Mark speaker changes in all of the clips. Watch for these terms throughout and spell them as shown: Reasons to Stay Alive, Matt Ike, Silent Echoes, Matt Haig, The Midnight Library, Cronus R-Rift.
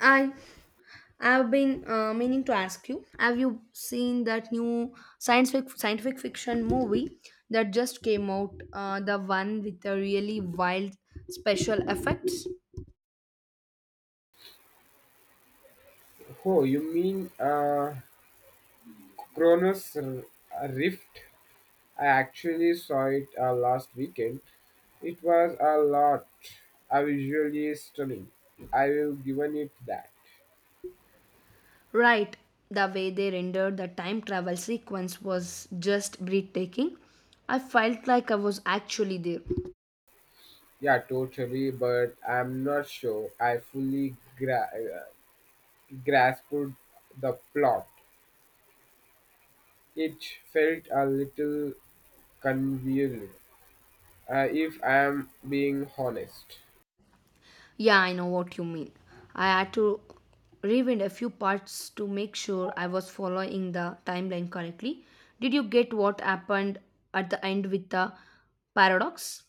Speaker 1: I I've been meaning to ask you. Have you seen that new scientific fiction movie that just came out? The one with the really wild special effects.
Speaker 2: Oh, you mean Cronus Rift? I actually saw it last weekend. It was a lot. Visually stunning. I will given it that.
Speaker 1: Right, the way they rendered the time travel sequence was just breathtaking. I felt like I was actually there.
Speaker 2: Yeah, totally. But I'm not sure I fully grasped the plot. It felt a little convoluted, if I am being honest.
Speaker 1: Yeah, I know what you mean. I had to rewind a few parts to make sure I was following the timeline correctly. Did you get what happened at the end with the paradox?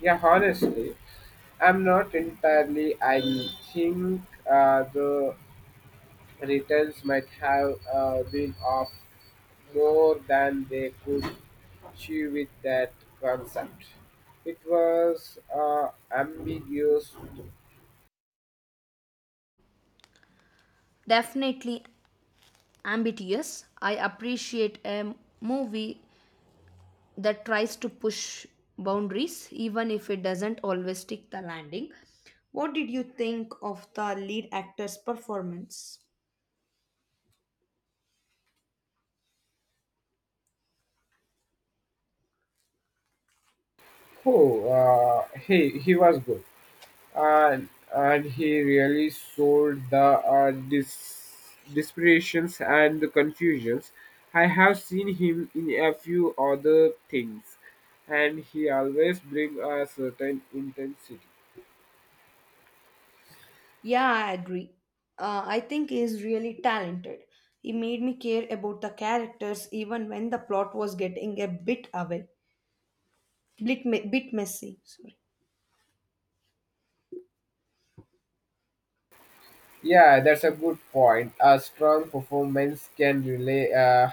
Speaker 2: Yeah, honestly, I'm not entirely. I think, the returns might have been off more than they could chew with that concept. It was ambiguous.
Speaker 1: Definitely ambitious. I appreciate a movie that tries to push boundaries, even if it doesn't always stick the landing. What did you think of the lead actor's performance?
Speaker 2: Oh, he was good. and he really showed the desperations and the confusions. I have seen him in a few other things, and he always brings a certain intensity.
Speaker 1: Yeah, I agree. I think he is really talented. He made me care about the characters even when the plot was getting a bit away, bit messy. Sorry.
Speaker 2: Yeah, that's a good point. A strong performance can relay,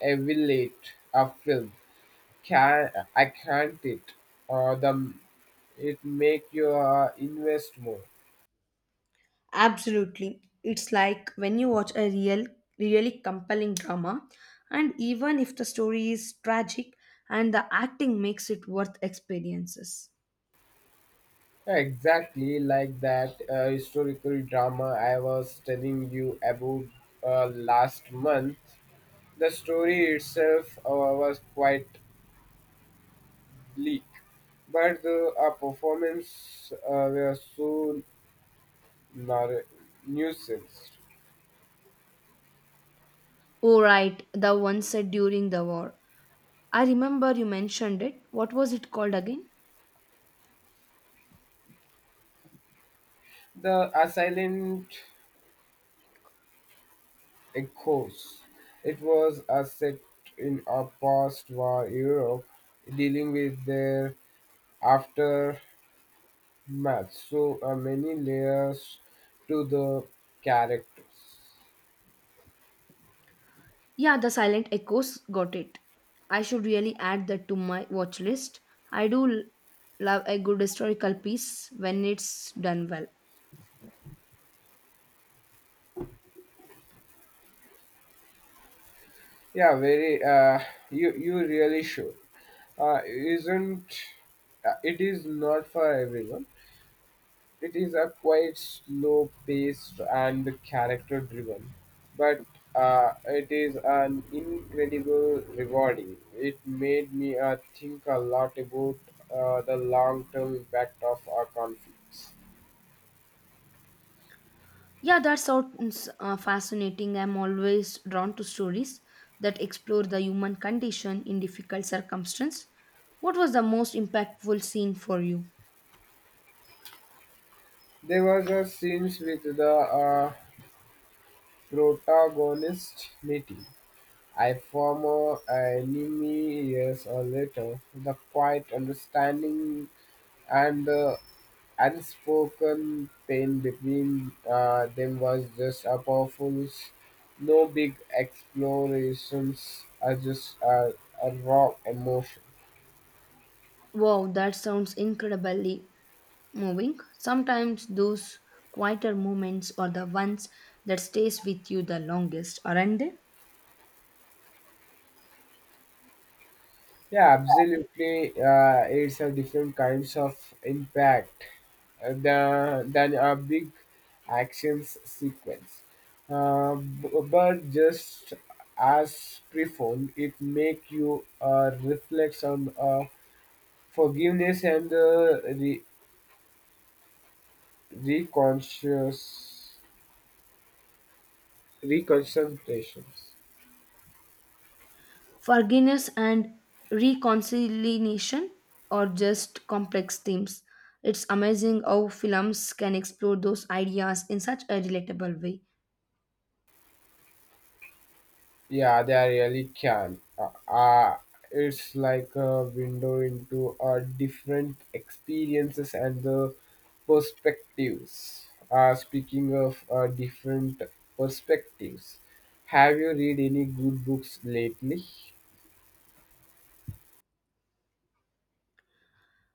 Speaker 2: evaluate a film. Can I can't it? The It make you invest more.
Speaker 1: Absolutely. It's like when you watch a real, really compelling drama, and even if the story is tragic and the acting makes it worth experiences.
Speaker 2: Exactly like that historical drama I was telling you about last month. The story itself was quite bleak, but the performance were so nar- nuisance.
Speaker 1: Oh, right, the one set during the war. I remember you mentioned it. What was it called again?
Speaker 2: The, silent echoes. It was a set in a post-war Europe, dealing with their Math. So many layers to the characters.
Speaker 1: Yeah, the Silent Echoes got it. I should really add that to my watch list. I do l- love a good historical piece when it's done well.
Speaker 2: Yeah, very. You really should. Isn't it is not for everyone. It is a quite slow paced and character driven, but it is an incredible rewarding. It made me think a lot about the long term impact of our conflicts.
Speaker 1: Yeah, that sounds fascinating. I'm always drawn to stories that explore the human condition in difficult circumstances. What was the most impactful scene for you?
Speaker 2: There was a scenes with the, protagonist meeting a former enemy years or later. The quiet understanding and the unspoken pain between them was just a powerful. No big explorations, are just a raw emotion.
Speaker 1: Wow, that sounds incredibly moving. Sometimes those quieter moments are the ones that stays with you the longest, aren't they?
Speaker 2: Yeah, absolutely. It's a different kinds of impact, than a big actions sequence. But just as profound, it make you reflect on, forgiveness and re- reconscious reconcentration.
Speaker 1: Forgiveness and reconciliation are just complex themes. It's amazing how films can explore those ideas in such a relatable way.
Speaker 2: Yeah, they really can. It's like a window into different experiences and the perspectives. Speaking of different perspectives, have you read any good books lately?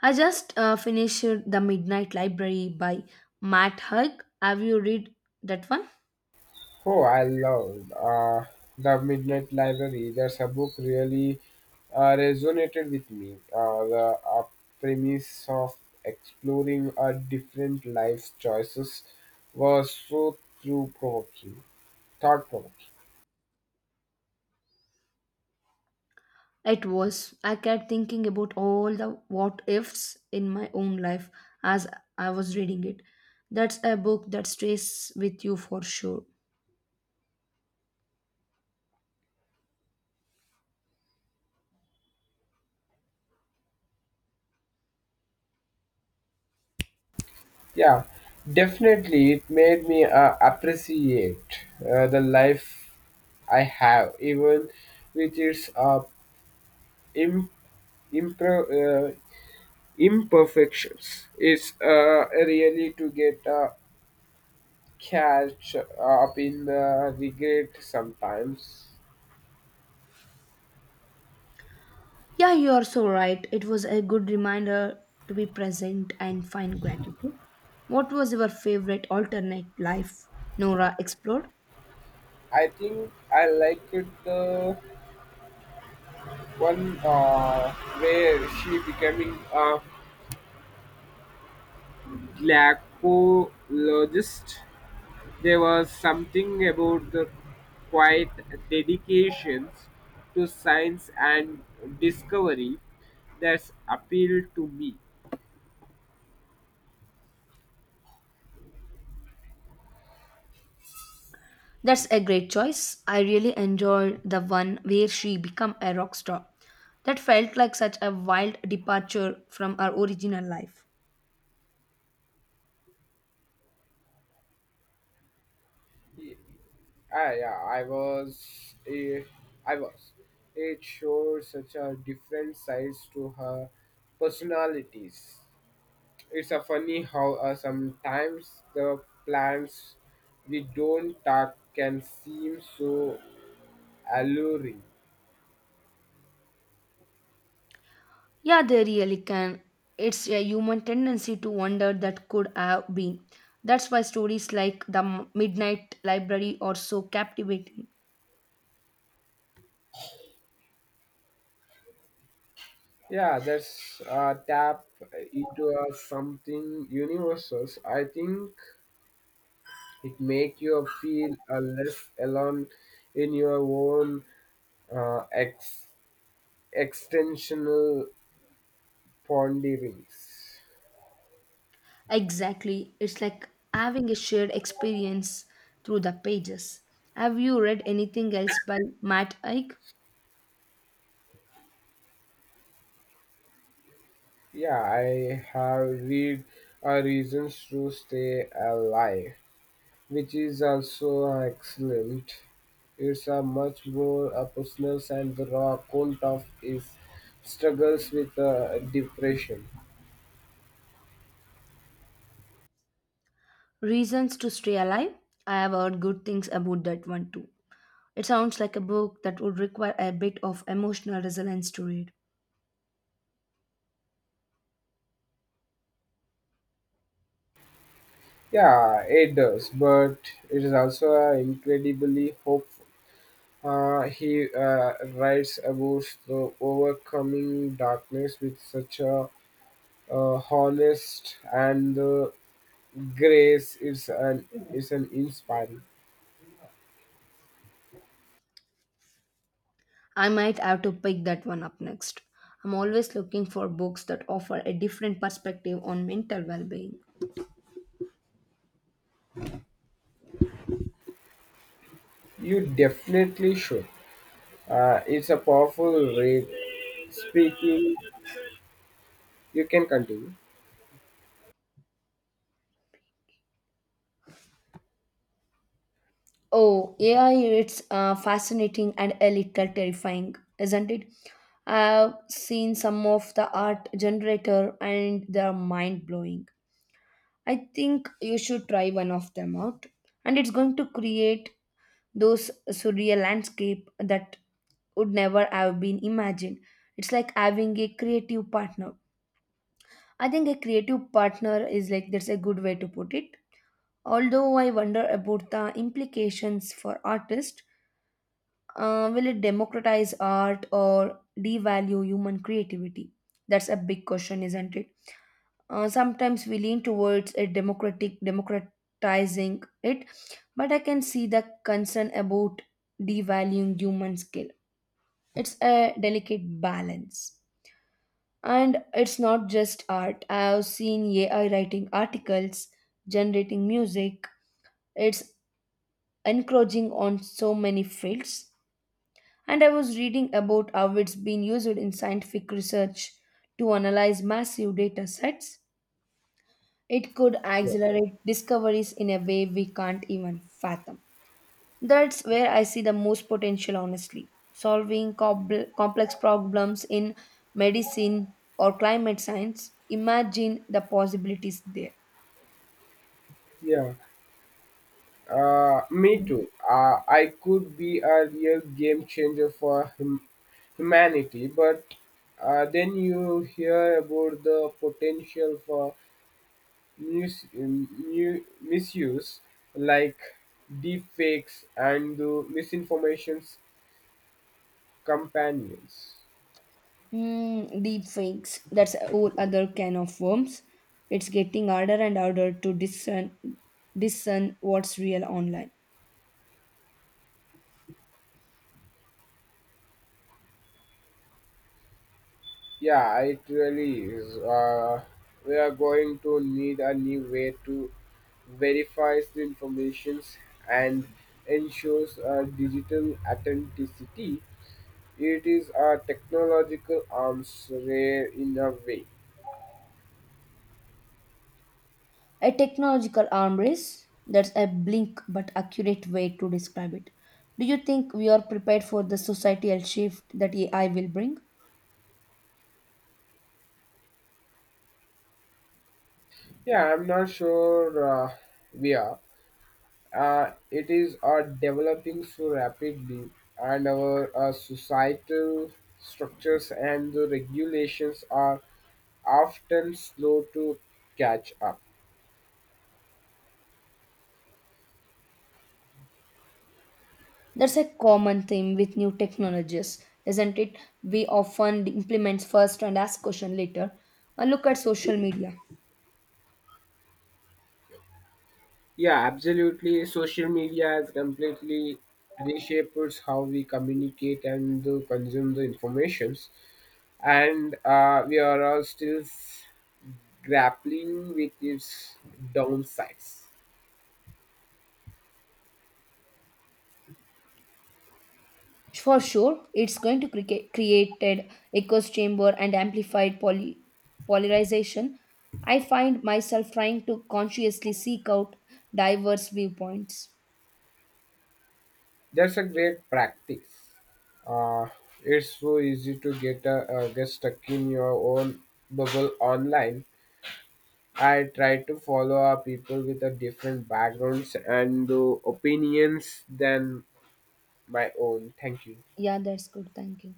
Speaker 1: I just finished The Midnight Library by Matt Haig. Have you read that one?
Speaker 2: Oh, I love the Midnight Library. That's a book really resonated with me. The premise of exploring our different life choices was so thought provoking.
Speaker 1: It was. I kept thinking about all the what ifs in my own life as I was reading it. That's a book that stays with you for sure.
Speaker 2: Yeah, definitely, it made me appreciate the life I have, even with its Im- impro- uh, imperfections. It's really to get catch up in the regret sometimes.
Speaker 1: Yeah, you are so right. It was a good reminder to be present and find gratitude. What was your favorite alternate life Nora explored?
Speaker 2: I think I liked the one where she becoming a glacologist. There was something about the quiet dedications to science and discovery that's appealed to me.
Speaker 1: That's a great choice. I really enjoyed the one where she became a rock star. That felt like such a wild departure from her original life.
Speaker 2: Ye- yeah, I was. eh, I was. It showed such a different sides to her personalities. It's a funny how sometimes the plants we don't talk can seem so alluring.
Speaker 1: Yeah, they really can. It's a human tendency to wonder that could have been. That's why stories like The Midnight Library are so captivating.
Speaker 2: Yeah, that's tap into something universal. I think it make you feel less alone in your own ex extensional ponderings.
Speaker 1: Exactly. It's like having a shared experience through the pages. Have you read anything else by Matt Ike?
Speaker 2: Yeah, I have read Reasons to Stay Alive, which is also excellent. It's a much more personal and raw account of his struggles with depression.
Speaker 1: Reasons to Stay Alive? I have heard good things about that one too. It sounds like a book that would require a bit of emotional resilience to read.
Speaker 2: Yeah, it does, but it is also incredibly hopeful. He writes about the overcoming darkness with such a, honest and the grace is an inspiring.
Speaker 1: I might have to pick that one up next. I'm always looking for books that offer a different perspective on mental well being.
Speaker 2: You definitely should. It's a powerful read. Speaking, you can continue.
Speaker 1: Oh, AI, it's fascinating and a little terrifying, isn't it? I've seen some of the art generator and they're mind blowing. I think you should try one of them out. And it's going to create those surreal landscape that would never have been imagined. It's like having a creative partner. I think a creative partner is like that's a good way to put it. Although I wonder about the implications for artists. Will it democratize art or devalue human creativity? That's a big question, isn't it? Sometimes we lean towards a democratic democratizing it, but I can see the concern about devaluing human skill. It's a delicate balance. And it's not just art. I have seen AI writing articles, generating music. It's encroaching on so many fields. And I was reading about how it's been used in scientific research to analyze massive data sets. It could
Speaker 2: Yeah,
Speaker 1: accelerate discoveries in a way we can't even fathom. That's where I see the most potential, honestly. Solving complex problems in medicine or climate science, imagine the possibilities there.
Speaker 2: yeah. Me too. I could be a real game changer for humanity, but then you hear about the potential for misuse like deepfakes and the misinformation's companions.
Speaker 1: Mm, deep fakes, that's a whole other can of worms. It's getting harder and harder to discern what's real online.
Speaker 2: Yeah, it really is. We are going to need a new way to verify the informations and ensures digital authenticity. It is a technological arms race in a way.
Speaker 1: A technological arm race, that's a blink but accurate way to describe it. Do you think we are prepared for the societal shift that AI will bring?
Speaker 2: Yeah, I'm not sure uh, we are. It is developing so rapidly and our societal structures and the regulations are often slow to catch up.
Speaker 1: That's a common theme with new technologies, isn't it? We often implement first and ask question later. A look at social media.
Speaker 2: Yeah, absolutely, social media has completely reshaped how we communicate and consume the informations, and we are all still grappling with its downsides.
Speaker 1: For sure, it's going to create created echoes chamber and amplified polarization. I find myself trying to consciously seek out diverse viewpoints.
Speaker 2: That's a great practice. Uh, it's so easy to get stuck in your own bubble online. I try to follow our people with a different backgrounds and opinions than my own. Thank you.
Speaker 1: Yeah, that's good. Thank you.